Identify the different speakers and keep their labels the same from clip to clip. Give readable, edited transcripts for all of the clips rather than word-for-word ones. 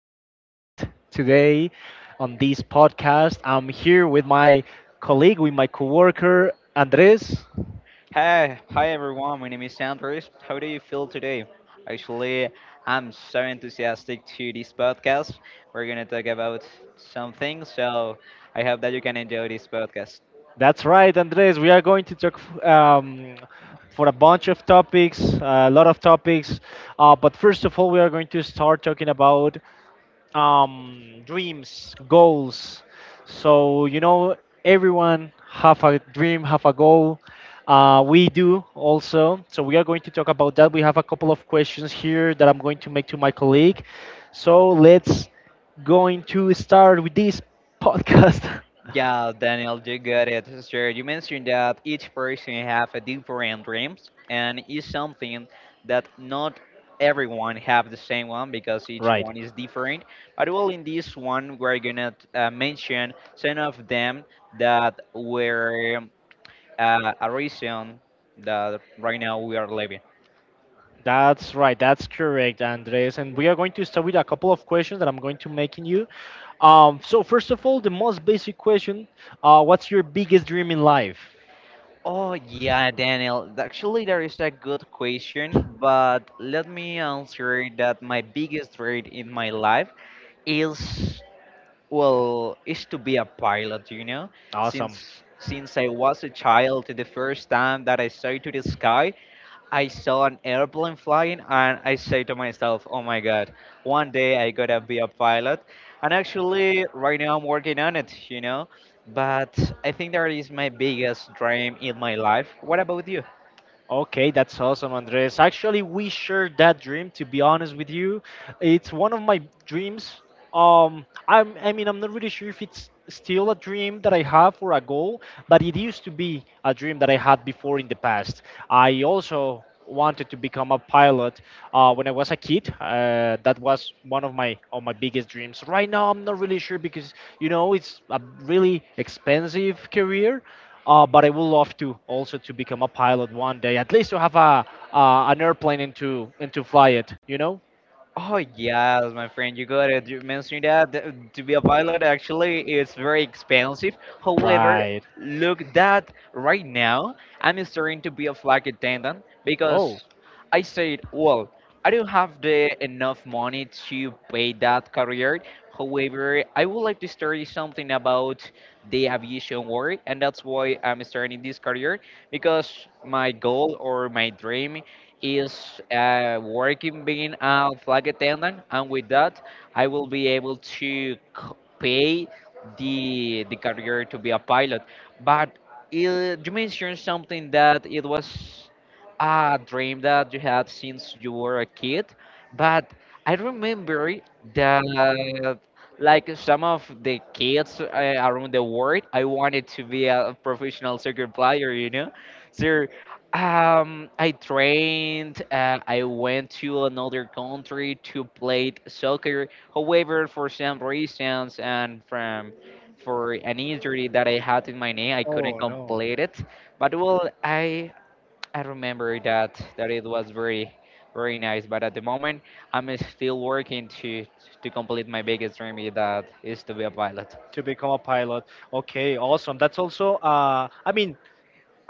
Speaker 1: your host today on this podcast. I'm here with my colleague, with my coworker, Andres.
Speaker 2: Hi, hi everyone. My name is Andres. How do you feel today? Actually, I'm so enthusiastic to this podcast. We're gonna talk about something, so I hope that you can enjoy this podcast.
Speaker 1: That's right, Andres. We are going to talk for a bunch of topics, a lot of topics. But first of all, we are going to start talking about dreams, goals. So you know, everyone have a dream, have a goal. We do also. So we are going to talk about that. We have a couple of questions here that I'm going to make to my colleague. So let's going to start with this podcast.
Speaker 2: Yeah, Daniel, you got it. Sure, you mentioned that each person have a different dreams, and it's something that not everyone have the same one because each
Speaker 1: Right.
Speaker 2: one is different. But well, in this one, we're gonna mention some of them that were a reason that right now we are living?
Speaker 1: That's right. That's correct, Andres. And we are going to start with a couple of questions that I'm going to make in you. So first of all, the most basic question, what's your biggest dream in life?
Speaker 2: Oh yeah, Daniel. Actually, that is a good question, but let me answer that my biggest dream in my life is well is to be a pilot. You know,
Speaker 1: Awesome.
Speaker 2: since I was a child, the first time that I saw to the sky, I saw an airplane flying and I say to myself, oh my god, one day I gotta be a pilot. And actually, right now I'm working on it. But I think that is my biggest dream in my life. What about you?
Speaker 1: Okay, that's awesome, Andres. Actually, we share that dream. To be honest with you, it's one of my dreams. I mean, I'm not really sure if it's still a dream that I have or a goal, but it used to be a dream that I had before in the past. I also wanted to become a pilot when I was a kid. That was one of my biggest dreams. Right now, I'm not really sure because you know it's a really expensive career. But I would love to also to become a pilot 1 day, at least to have a an airplane and to fly it. You know?
Speaker 2: Oh yes, my friend, you got it. You mentioned that to be a pilot actually is very expensive. However,
Speaker 1: Right.
Speaker 2: look that right now I'm starting to be a flight attendant
Speaker 1: Oh,
Speaker 2: because I said, well, I don't have the enough money to pay that career. However, I would like to study something about the aviation world, and that's why I'm starting this career because my goal or my dream is working being a flight attendant, and with that, I will be able to pay the career to be a pilot. But you mentioned something that it was a dream that you had since you were a kid, but I remember that like some of the kids around the world, I wanted to be a professional soccer player. So I trained. I went to another country to play soccer. However, for some reasons and from for an injury that I had in my knee, I couldn't
Speaker 1: oh no.
Speaker 2: complete it. But well, I remember that it was very very nice. But at the moment, I'm still working to complete my biggest dream that is to be a pilot.
Speaker 1: To become a pilot. Okay, awesome. That's also, I mean,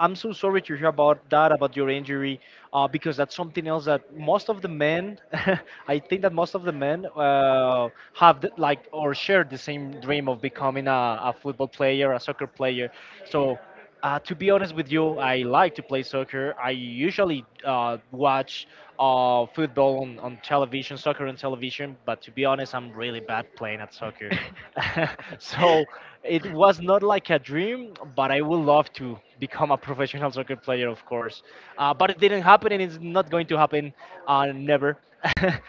Speaker 1: I'm so sorry to hear about that, about your injury, because that's something else that most of the men, I think that most of the men have the, like or share the same dream of becoming a football player, a soccer player. So, to be honest with you, I like to play soccer. I usually watch football on television, soccer on television, but to be honest, I'm really bad playing at soccer. So it was not like a dream, but I would love to become a professional soccer player, of course. But it didn't happen, and it's not going to happen, never.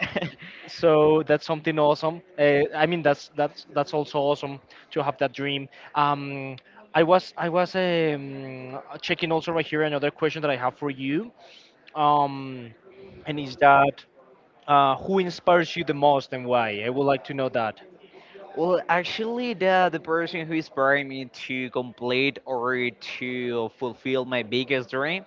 Speaker 1: So that's something awesome. I mean, that's also awesome to have that dream. Um, I was checking also right here another question that I have for you, um, and is that who inspires you the most and why? I would like to know that.
Speaker 2: Well, actually, the person who inspired me to complete or to fulfill my biggest dream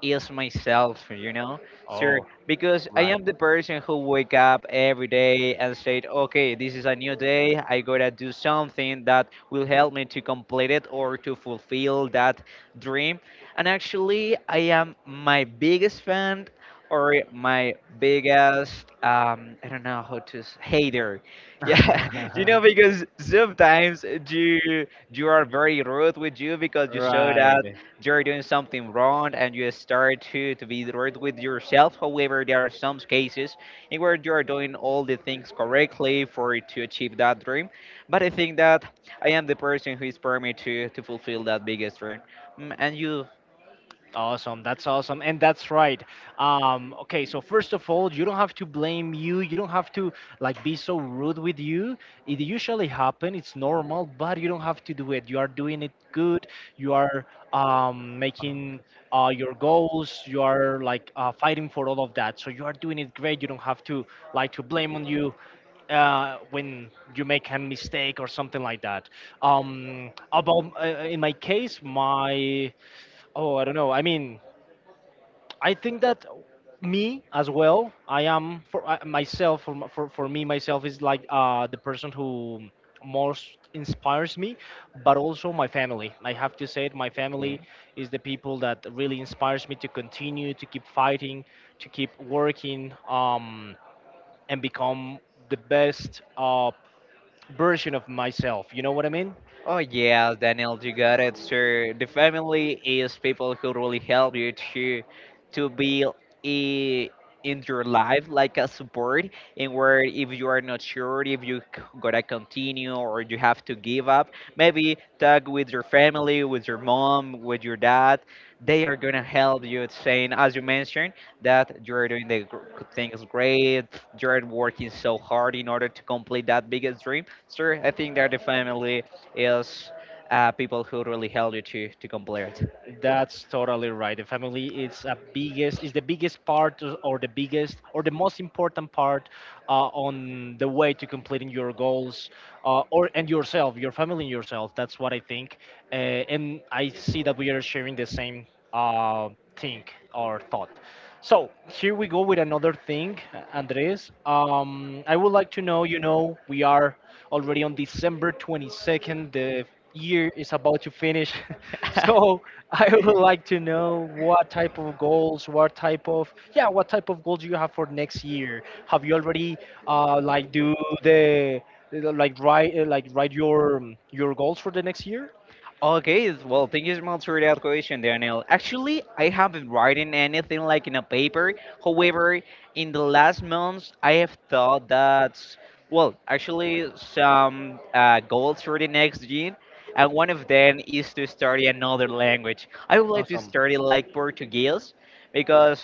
Speaker 2: is myself, sir,
Speaker 1: Oh,
Speaker 2: because I am
Speaker 1: right.
Speaker 2: the person who wake up every day and said, okay, this is a new day. I gotta do something that will help me to complete it or to fulfill that dream. And actually, I am my biggest fan or my biggest I don't know how to hater. Yeah, you know because sometimes you are very rude with you because you saw
Speaker 1: Right.
Speaker 2: that you're doing something wrong and you start to be direct with yourself. However, there are some cases in where you are doing all the things correctly for it to achieve that dream. But I think that I am the person who is permitted to fulfill that biggest dream. Mm. And you?
Speaker 1: Awesome. That's awesome. And that's right. Okay, so first of all, you don't have to blame you. You don't have to like be so rude with you. It usually happen. It's normal, but you don't have to do it. You are doing it good. You are making your goals. You are like fighting for all of that. So you are doing it great. You don't have to like to blame on you when you make a mistake or something like that. About In my case, my Oh, I don't know. I mean, I think that me as well. I am for I, myself. For, m- For me myself is like the person who most inspires me, but also my family. I have to say it. My
Speaker 2: Okay.
Speaker 1: family is the people that really inspires me to continue to keep fighting, to keep working, and become the best version of myself. You know what I mean?
Speaker 2: Oh yeah, Daniel, you got it, sir. The family is people who really help you to be i- in your life like a support, and where, if you are not sure if you gotta continue or you have to give up, maybe talk with your family, with your mom, with your dad, they are gonna help you, saying, as you mentioned, that you're doing the things great, you're working so hard in order to complete that biggest dream, sir. I think that the family is people who really help you to complete.
Speaker 1: That's totally right. The family is a biggest is the biggest part or the biggest or the most important part on the way to completing your goals or and yourself, your family and yourself. That's what I think. Uh, and I see that we are sharing the same uh, thing or thought. So here we go with another thing, Andres. I would like to know. You know, we are already on December 22nd. The year is about to finish. So I would like to know what type of goals, what type of goals you have for next year. Have you already like do the the- like write your goals for the next year?
Speaker 2: Okay, well, thank you so much for that question, Daniel. Actually, I haven't written anything like in a paper. However, in the last months, I have thought that, well, actually, some goals for the next year, and one of them is to study another language. I would like to
Speaker 1: Awesome.
Speaker 2: study like Portuguese because,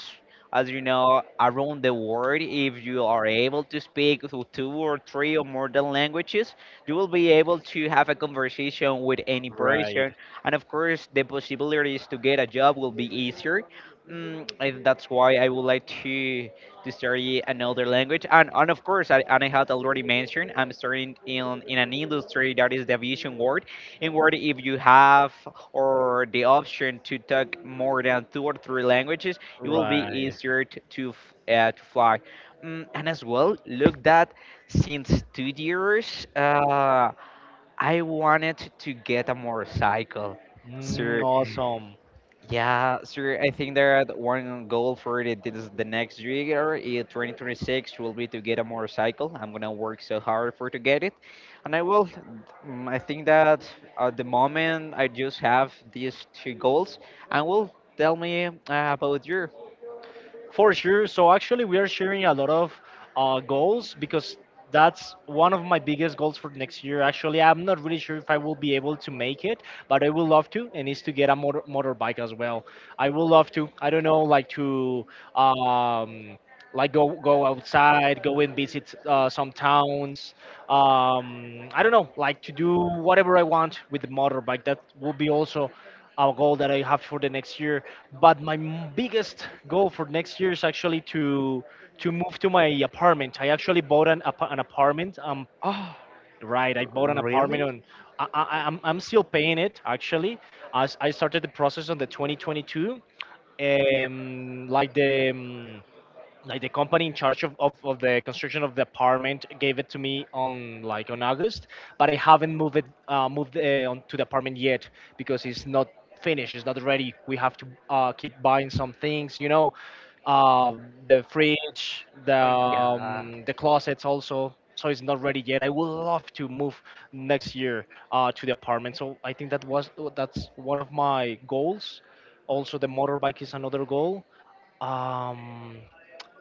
Speaker 2: as you know, around the world, if you are able to speak two or three or more than languages, you will be able to have a conversation with any
Speaker 1: Right.
Speaker 2: person, and of course, the possibilities to get a job will be easier. And that's why I would like to study another language, and of course, and I had already mentioned, I'm studying in an industry that is the aviation world, in where if you have or the option to talk more than two or three languages, it will be
Speaker 1: Right.
Speaker 2: easier to to fly. And as well, look that since 2 years, I wanted to get a motorcycle.
Speaker 1: Mm,
Speaker 2: So
Speaker 1: awesome.
Speaker 2: yeah, so I think that one goal for it is the next year, 2026, will be to get a motorcycle. I'm gonna work so hard for to get it, and I will. I think that at the moment I just have these two goals, and will tell me about your.
Speaker 1: For sure. So actually, we are sharing a lot of goals because that's one of my biggest goals for next year. Actually, I'm not really sure if I will be able to make it, but I would love to, and is to get a motorbike as well. I would love to. I don't know, like to um, like go outside, go and visit some towns. I don't know, like to do whatever I want with the motorbike. That will be also a goal that I have for the next year. But my biggest goal for next year is actually to move to my apartment. I actually bought an an apartment.
Speaker 2: Oh.
Speaker 1: Right, I bought an
Speaker 2: Really?
Speaker 1: apartment on. I'm still paying it actually. As I started the process on the 2022, um, like the um, like the company in charge of the construction of the apartment gave it to me on August, but I haven't moved on to the apartment yet because it's not finished, it's not ready. We have to keep buying some things, you know, uh, the fridge,
Speaker 2: Oh, yeah.
Speaker 1: the closets also. So it's not ready yet. I would love to move next year to the apartment. So I think that's one of my goals. Also, the motorbike is another goal. um,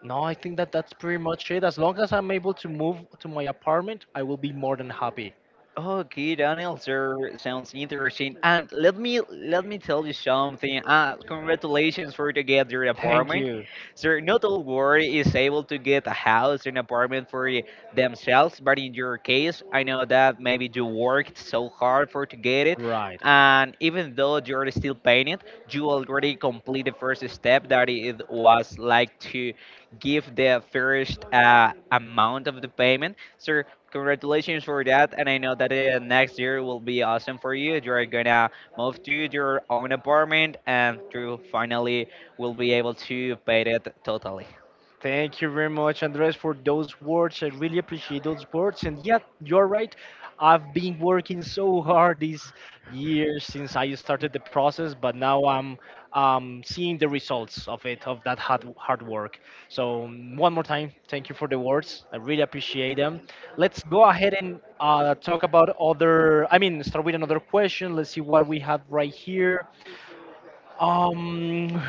Speaker 1: no, I think that that's pretty much it. As long as I'm able to move to my apartment, I will be more than happy.
Speaker 2: Okay, Daniel, sir. Sounds interesting. And let me tell you something. Congratulations for to get your
Speaker 1: Thank
Speaker 2: apartment.
Speaker 1: you.
Speaker 2: Sir, not all world is able to get a house and apartment for themselves, but in your case, I know that maybe you worked so hard for to get it.
Speaker 1: Right.
Speaker 2: And even though you're still paying it, you already complete the first step that it was like to give the first amount of the payment. So congratulations for that, and I know that next year will be awesome for you. You're gonna move to your own apartment, and you finally will be able to pay it totally.
Speaker 1: Thank you very much, Andres, for those words. I really appreciate those words. And yeah, you're right. I've been working so hard these years since I started the process, but now I'm seeing the results of it, of that hard work. So, mm, one more time, thank you for the words. I really appreciate them. Let's go ahead and talk about other, I mean, start with another question. Let's see what we have right here. Um.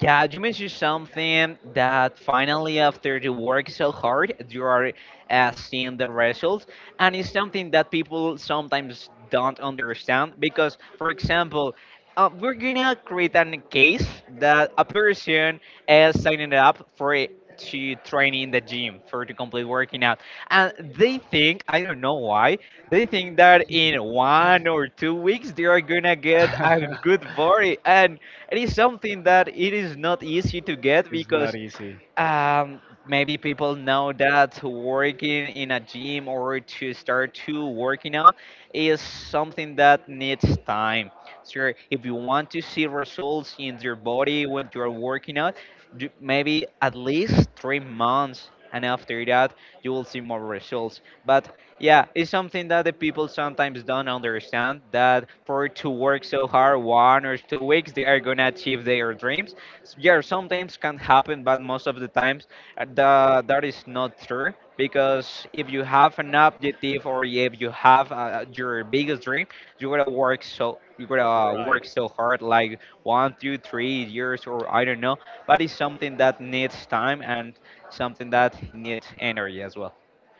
Speaker 2: Yeah, you mentioned something that finally, after you work so hard, you are seeing the results, and it's something that people sometimes don't understand because, for example, we're gonna create a case that a person is signing up for it to train in the gym for to complete working out, and they think, I don't know why, they think that in 1 or 2 weeks they are gonna get a good body, and it is something that it is not easy to get
Speaker 1: It's not
Speaker 2: because
Speaker 1: easy.
Speaker 2: um, maybe people know that working in a gym or to start to working out is something that needs time. Sure, if you want to see results in your body when you are working out, maybe at least 3 months, and after that you will see more results. But yeah, it's something that the people sometimes don't understand that for to work so hard 1 or 2 weeks they are gonna achieve their dreams, yeah, sometimes can happen, but most of the times that is not true because if you have an objective or if you have your biggest dream, you gotta
Speaker 1: Right.
Speaker 2: work so hard, like one, two, 3 years or I don't know. But it's something that needs time and something that needs energy as well.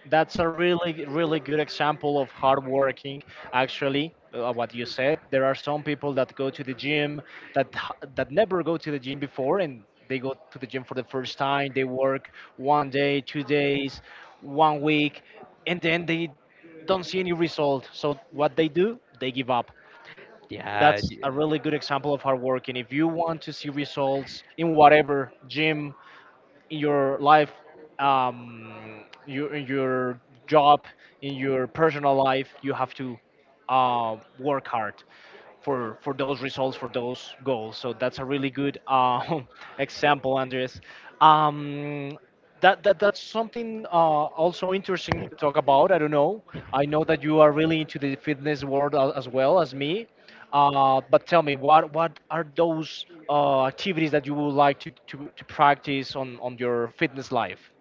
Speaker 1: That's a really, really good example of hard working. Actually, what you said, there are some people that go to the gym that that never go to the gym before, and they go to the gym for the first time. They work 1 day, 2 days, 1 week, and then they don't see any result. So what they do, they give up.
Speaker 2: Yeah,
Speaker 1: That's a really good example of hard working. If you want to see results in whatever gym, in your life, in your job, in your personal life, you have to work hard for those results, for those goals. So that's a really good example, Andres. Um, that that's something also interesting to talk about. I don't know. I know that you are really into the fitness world as well as me. But tell me, what are those activities that you would like to practice on your fitness life?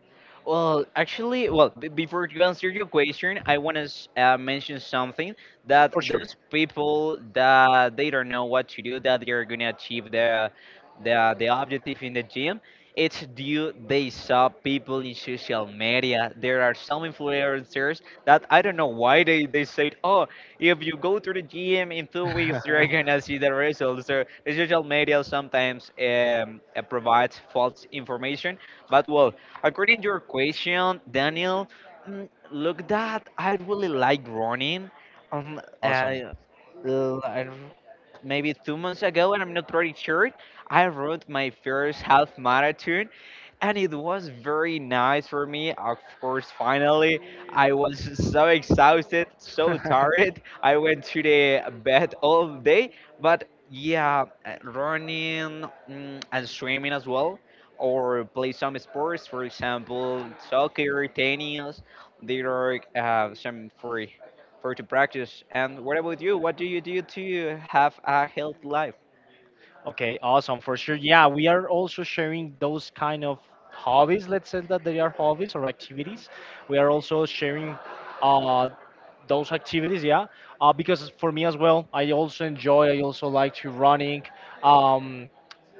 Speaker 2: well, actually, well, before you answer your question, I want to mention something that
Speaker 1: For sure.
Speaker 2: those people that they don't know what to do, that they're gonna achieve the objective in the gym, it's due they saw people in social media. There are some influencers that I don't know why they said, oh, if you go to the gym in 2 weeks, you're gonna see the results. So the social media sometimes provides false information, but well, according to your question, Daniel, look that I really like running. Um, uh,
Speaker 1: Awesome.
Speaker 2: l- I r- maybe 2 months ago, and I'm not pretty sure, I wrote my first half marathon, and it was very nice for me. Of course, finally, I was so exhausted, so tired. I went to the bed all day, but yeah, running and swimming as well, or play some sports, for example, soccer, tennis. There are some for to practice. And what about you? What do you do to have a healthy life?
Speaker 1: Okay, awesome for sure. Yeah, we are also sharing those kind of hobbies. Let's say that they are hobbies or activities. We are also sharing uh, those activities. Yeah, because for me as well, I also enjoy. I also like to running. Um,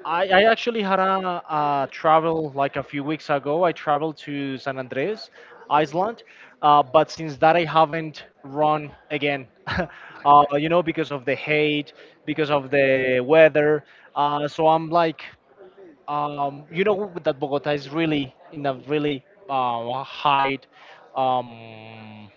Speaker 1: I actually had a travel like a few weeks ago. I traveled to San Andres, Iceland, but since that I haven't run again. You know, because of the hate, because of the weather. So I'm like, you know, that Bogota is really in a really high um,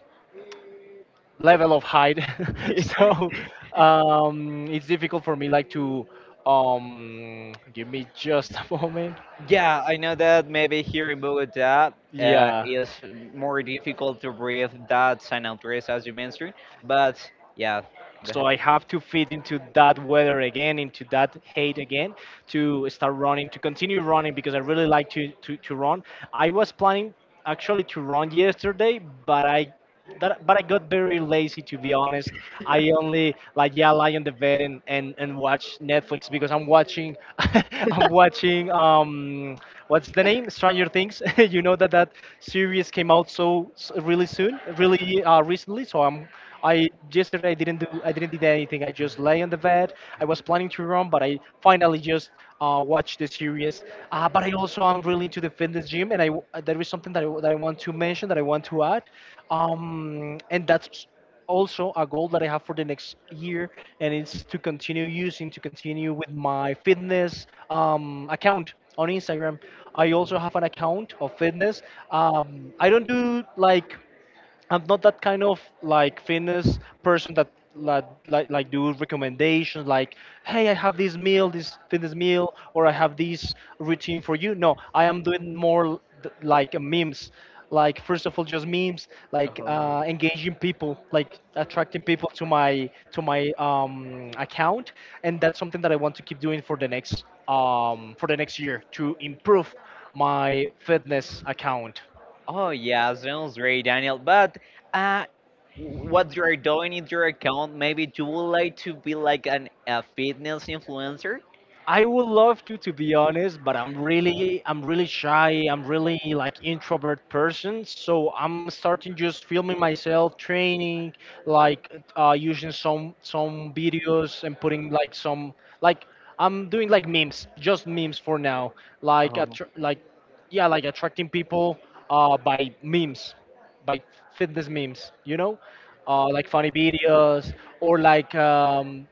Speaker 1: level of height so it's difficult for me like to give me just a moment.
Speaker 2: Yeah, I know that maybe here in Bogota.
Speaker 1: Yeah,
Speaker 2: It's more difficult to breathe that San Andres as you mentioned, but yeah, go
Speaker 1: so
Speaker 2: ahead.
Speaker 1: I have to fit into that weather again, into that hate again, to start running, to continue running because I really like to run. I was planning actually to run yesterday, but but I got very lazy to be honest. I only like yeah lie on the bed and watch Netflix because I'm watching I'm watching what's the name Stranger Things. You know that that series came out so really soon, really recently. So I'm I yesterday I didn't did anything. I just lay on the bed. I was planning to run, but I finally just watched the series. But I also am really into the fitness gym, and there is something that I want to mention, that I want to add, and that's also a goal that I have for the next year, and it's to continue to continue with my fitness account on Instagram. I also have an account of fitness. I don't do like I'm not that kind of like fitness person that like do recommendations like, hey, I have this meal, this fitness meal, or I have this routine for you. No, I am doing more like a memes. Like, first of all, just memes, like
Speaker 2: Oh.
Speaker 1: engaging people, like attracting people to my account. And that's something that I want to keep doing for the next year, to improve my fitness account.
Speaker 2: Oh yeah, sounds great, Daniel. But uh, what you're doing in your account, maybe you would like to be like a fitness influencer?
Speaker 1: I would love to be honest, but I'm really shy. I'm really like introvert person. So I'm starting just filming myself, training, like using some videos and putting like some like. I'm doing like memes, just memes for now. Like like, yeah, like attracting people by memes, by fitness memes. You know, like funny videos or like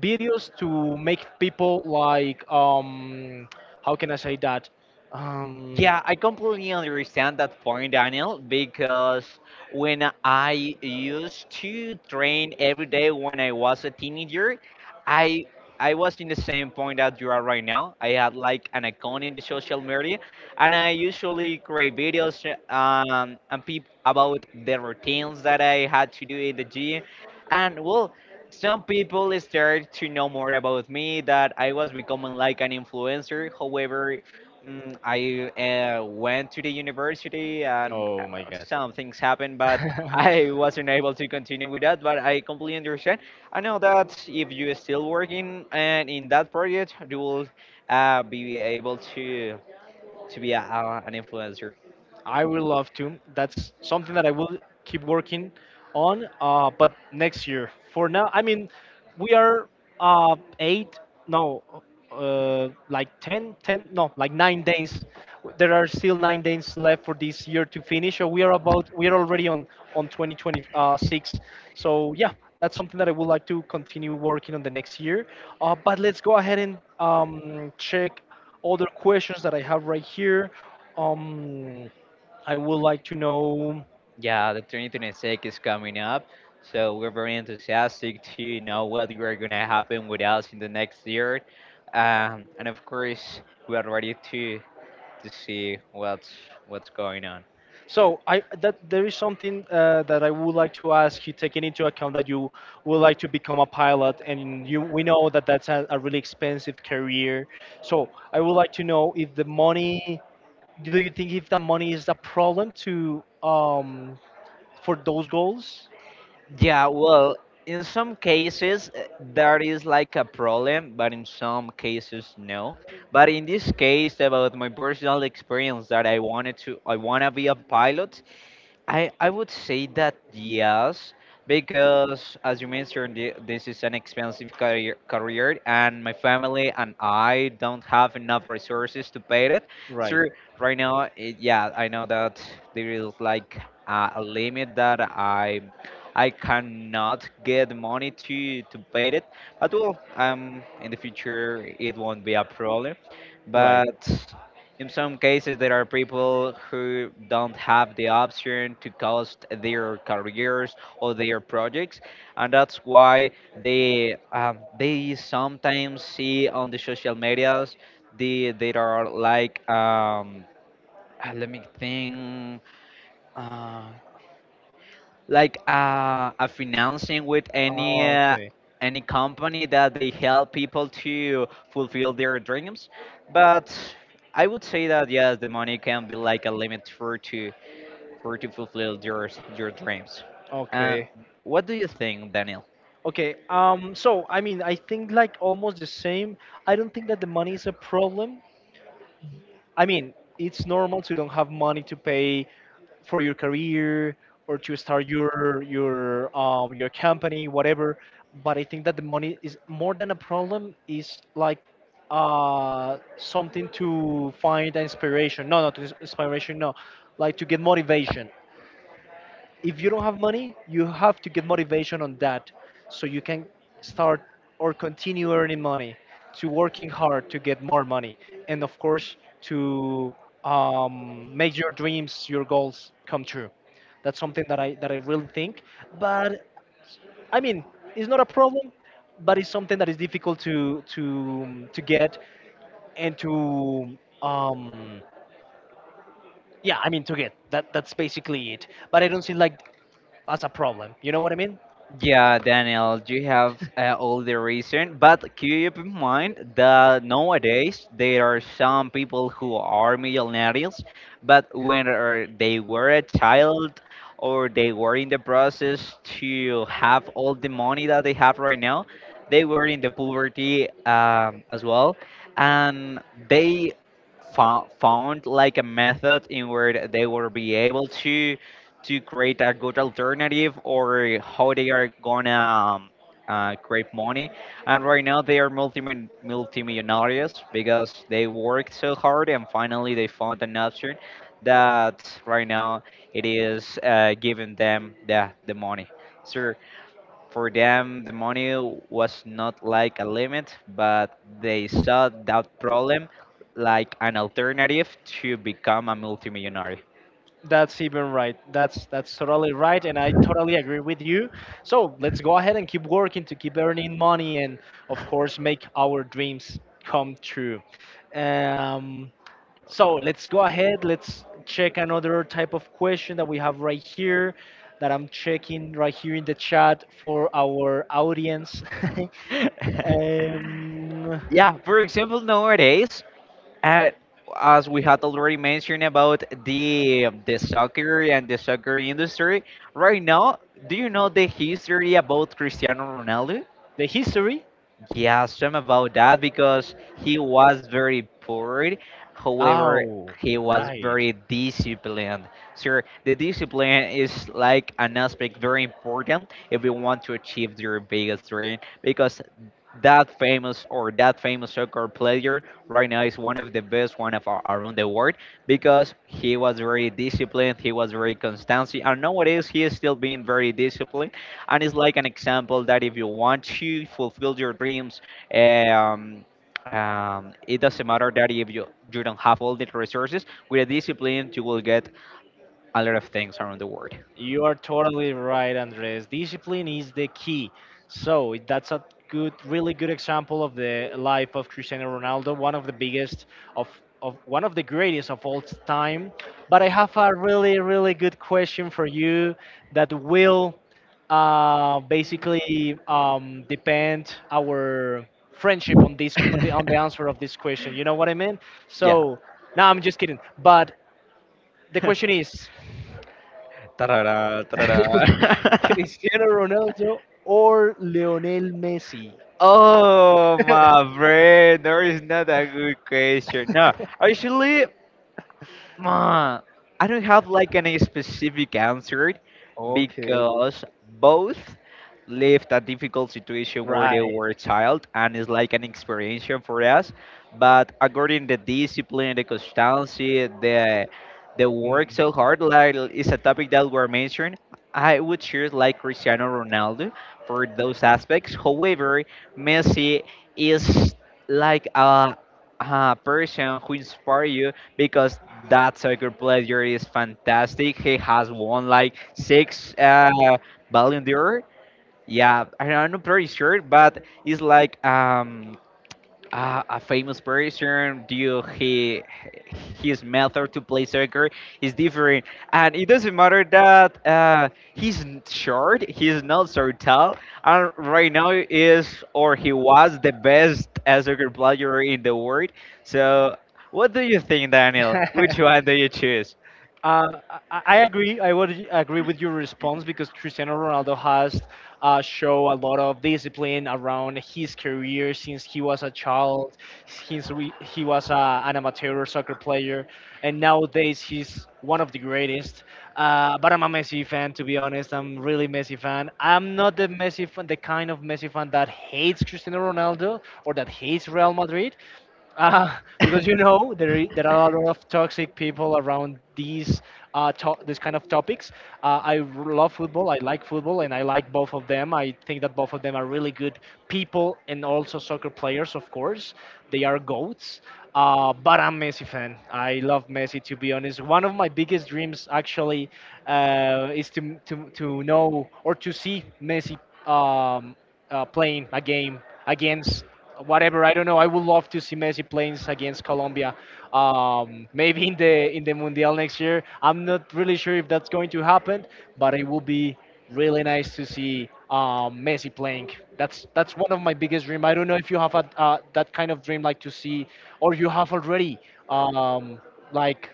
Speaker 1: videos to make people like, how can I say that, um
Speaker 2: Yeah, I completely understand that point, Daniel, because when I used to train every day when I was a teenager, I I was in the same point that you are right now. I had like an account in the social media, and I usually create videos and peep about the routines that I had to do in the gym. And well, some people start to know more about me that I was becoming like an influencer. However, I went to the university and
Speaker 1: oh my
Speaker 2: uh,
Speaker 1: god.
Speaker 2: some things happened, but I wasn't able to continue with that. But I completely understand. I know that if you are still working and in that project, you will be able to be an influencer.
Speaker 1: I would love to. That's something that I will keep working on. But next year, for now, I mean, we are eight, no, like 10, 10. No, like nine nine days. There are still 9 days left for this year to finish. So we are already on 2026. So yeah, that's something that I would like to continue working on the next year. But let's go ahead and check other questions that I have right here. Um, I would like to know.
Speaker 2: Yeah, the 2026 is coming up, so we're very enthusiastic to know what are gonna happen with us in the next year, and of course we are ready to. To see what's going on.
Speaker 1: So I that there is something that I would like to ask you, taking into account that you would like to become a pilot, and you we know that that's a really expensive career. So I would like to know if the money, do you think if the money is a problem to for those goals?
Speaker 2: Yeah, well, in some cases that is like a problem, but in some cases no. But in this case, about my personal experience that I wanna be a pilot, I would say that yes, because as you mentioned, this is an expensive career, and my family and I don't have enough resources to pay it.
Speaker 1: Right,
Speaker 2: So right now, yeah, I know that there is like a limit that I cannot get money to pay it. But well, in the future it won't be a problem.
Speaker 1: right.
Speaker 2: But in some cases, there are people who don't have the option to cost their careers or their projects, and that's why they sometimes see on the social medias there are like let me think. Uh, like a financing with
Speaker 1: Ah, okay,
Speaker 2: any company that they help people to fulfill their dreams, but I would say that yes, the money can be like a limit for to fulfill your dreams. uh,
Speaker 1: okay.
Speaker 2: what do you think, Daniel?
Speaker 1: Okay, so I mean, I think like almost the same. I don't think that the money is a problem. I mean, it's normal to don't have money to pay for your career or to start your your company, whatever. But I think that the money is more than a problem. Is like something to find inspiration. No, not inspiration. No, like to get motivation. If you don't have money, you have to get motivation on that, so you can start or continue earning money, to working hard to get more money, and of course to, make your dreams, your goals, come true. That's something that I really think. But I mean, it's not a problem, but it's something that is difficult to to get and to, um yeah, I mean, to get that. That's basically it. But I don't see like as a problem, you know what I mean?
Speaker 2: Yeah, Daniel, you have all the reason, but keep in mind that nowadays there are some people who are millionaires, but when they were a child or they were in the process to have all the money that they have right now, they were in the poverty as well, and they found like a method in where they will be able to create a good alternative or how they are gonna create money. And right now they are multimillionaires because they worked so hard and finally they found an option that right now it is giving them the money. So for them, the money was not like a limit, but they saw that problem like an alternative to become a multimillionaire.
Speaker 1: That's even right. That's totally right, and I totally agree with you. So let's go ahead and keep working to keep earning money, and of course, make our dreams come true. Um, so let's go ahead. Let's check another type of question that we have right here, that I'm checking right here in the chat for our audience. um,
Speaker 2: Yeah, for example, nowadays, uh, as we had already mentioned about the soccer and the soccer industry, right now, do you know the history about Cristiano Ronaldo?
Speaker 1: the history.
Speaker 2: Yeah, I'm about that because he was very bored. However,
Speaker 1: Oh,
Speaker 2: he was
Speaker 1: right.
Speaker 2: very disciplined. Sir, the discipline is like an aspect very important if you want to achieve your biggest dream, because that famous soccer player right now is one of the best, one of our, around the world, because he was very disciplined, he was very constant, and nowadays he is still being very disciplined, and it's like an example that if you want to fulfill your dreams, um, it doesn't matter that if you, you don't have all the resources, with a discipline you will get a lot of things around the world.
Speaker 1: You are totally right, Andres. Discipline is the key. So that's a good, really good example of the life of Cristiano Ronaldo, one of the biggest of, of one of the greatest of all time. But I have a really, really good question for you that will basically depend our friendship on this on the answer of this question. You know what I mean?
Speaker 2: yeah
Speaker 1: So no, I'm just kidding. But the question is.
Speaker 2: Ta-ra-ra, ta-ra-ra.
Speaker 1: Cristiano Ronaldo or Lionel Messi.
Speaker 2: Oh, my friend, there is not a good question, no. Actually, Uh, I don't have like any specific answer, because both lived a difficult situation where they
Speaker 1: Right.
Speaker 2: were a child and it's like an experience for us. But according the discipline, the constancy, the work
Speaker 1: Mm.
Speaker 2: so hard, like is a topic that were mentioned. I would choose like Cristiano Ronaldo for those aspects. However, Messi is like a person who inspires you, because that soccer player is fantastic. He has won like six Ballon d'Or. Yeah, I'm not pretty sure, but it's like a famous person, due he his method to play soccer is different, and it doesn't matter that short, he's not so tall, and right now is or he was the best soccer player in the world. So what do you think, Daniel? Which one do you choose?
Speaker 1: Uh, I agree. I would agree with your response because Cristiano Ronaldo has show a lot of discipline around his career since he was a child. Since we, he was an amateur soccer player, and nowadays he's one of the greatest. But I'm a Messi fan, to be honest. I'm really Messi fan. I'm not the Messi fan, the kind of Messi fan that hates Cristiano Ronaldo or that hates Real Madrid. Uh, because you know there are a lot of toxic people around these this kind of topics. Love football. I like football, and I like both of them. I think that both of them are really good people, and also soccer players, of course. They are goats. But I'm Messi fan. I love Messi. To be honest, one of my biggest dreams actually is to know or to see Messi, um, playing a game against whatever. I don't know. I would love to see Messi playing against Colombia. Maybe in the Mundial next year. I'm not really sure if that's going to happen, but it will be really nice to see, Messi playing. That's one of my biggest dream. I don't know if you have a, that kind of dream, like to see, or you have already um, like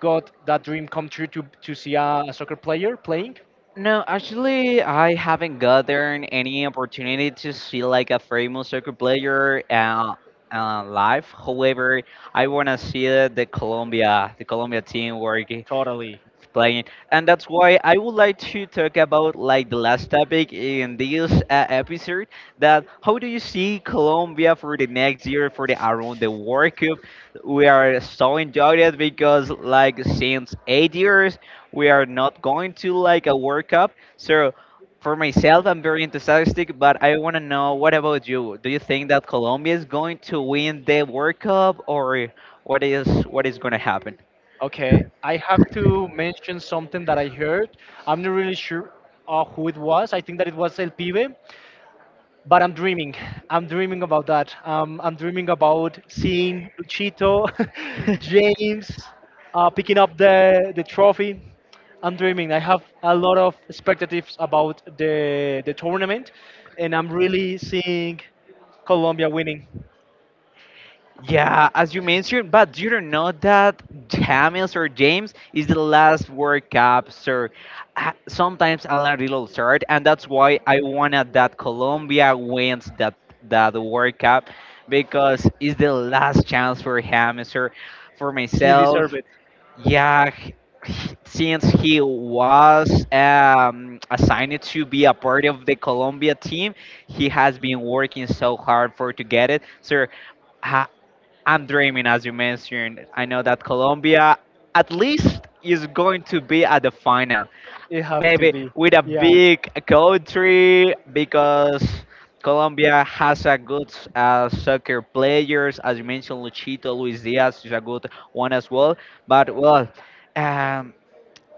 Speaker 1: got that dream come true to see a soccer player playing.
Speaker 2: No, actually, I haven't gotten any opportunity to see like a famous soccer player live. However, I wanna see the Colombia team work.
Speaker 1: Totally.
Speaker 2: Playing, and that's why I would like to talk about like the last topic in this episode. That how do you see Colombia for the next year for the around the World Cup? We are so enjoyed it because like since 8 years we are not going to like a World Cup. So for myself, I'm very enthusiastic, but I want to know, what about you? Do you think that Colombia is going to win the World Cup, or what is going to happen?
Speaker 1: Okay, I have to mention something that I heard. I'm not really sure who it was. I think that it was El Pibe, but I'm dreaming. I'm dreaming about that. I'm dreaming about seeing Luchito, James, picking up the trophy. I'm dreaming. I have a lot of expectations about the tournament, and I'm really seeing Colombia winning.
Speaker 2: Yeah, as you mentioned, but do you know that James is the last World Cup, so sometimes I'm a little sad, and that's why I wanted that Colombia wins that World Cup, because it's the last chance for him, sir. For
Speaker 1: He
Speaker 2: myself,
Speaker 1: deserved it.
Speaker 2: yeah, since he was assigned to be a part of the Colombia team, he has been working so hard for to get it, sir. uh, I'm dreaming, as you mentioned. I know that Colombia at least is going to be at the final,
Speaker 1: It have to
Speaker 2: maybe
Speaker 1: be.
Speaker 2: with a
Speaker 1: Yeah.
Speaker 2: big country, because Colombia has a good soccer players, as you mentioned, Luchito, Luis Diaz is a good one as well. But well, um,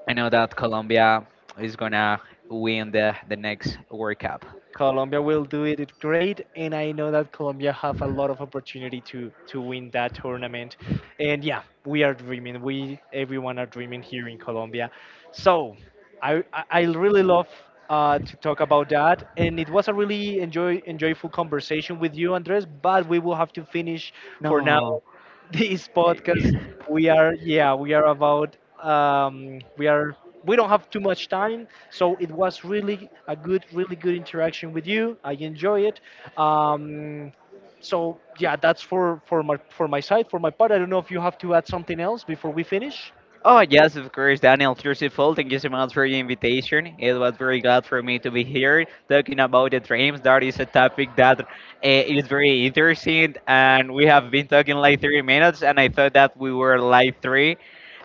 Speaker 2: I know that Colombia is gonna win the next World Cup.
Speaker 1: Colombia will do it great, and I know that Colombia have a lot of opportunity to win that tournament. And yeah, we are dreaming. We everyone are dreaming here in Colombia. So I really love to talk about that, and it was a really enjoyable conversation with you, Andres. But we will have to finish for now.
Speaker 2: No.
Speaker 1: This podcast, we are about, we don't have too much time, so it was really a good, really good interaction with you. I enjoy it. Um, so yeah, that's for for my side, for my part. I don't know if you have to add something else before we finish.
Speaker 2: Oh, yes, of course, Daniel, first of all, thank you so much for the invitation. It was very glad for me to be here talking about the dreams. That is a topic that is very interesting, and we have been talking like 3 minutes, and I thought that we were like three,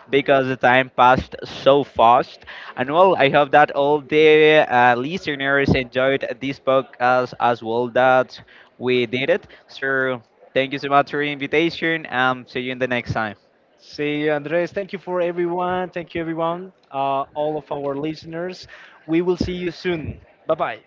Speaker 2: because the time passed so fast. And well, I hope that all the listeners enjoyed this podcast as well that we did it. So, thank you so much for the invitation, and see you in the next time.
Speaker 1: See you, Andres. Thank you for everyone. Thank you, everyone, all of our listeners. We will see you soon. Bye bye.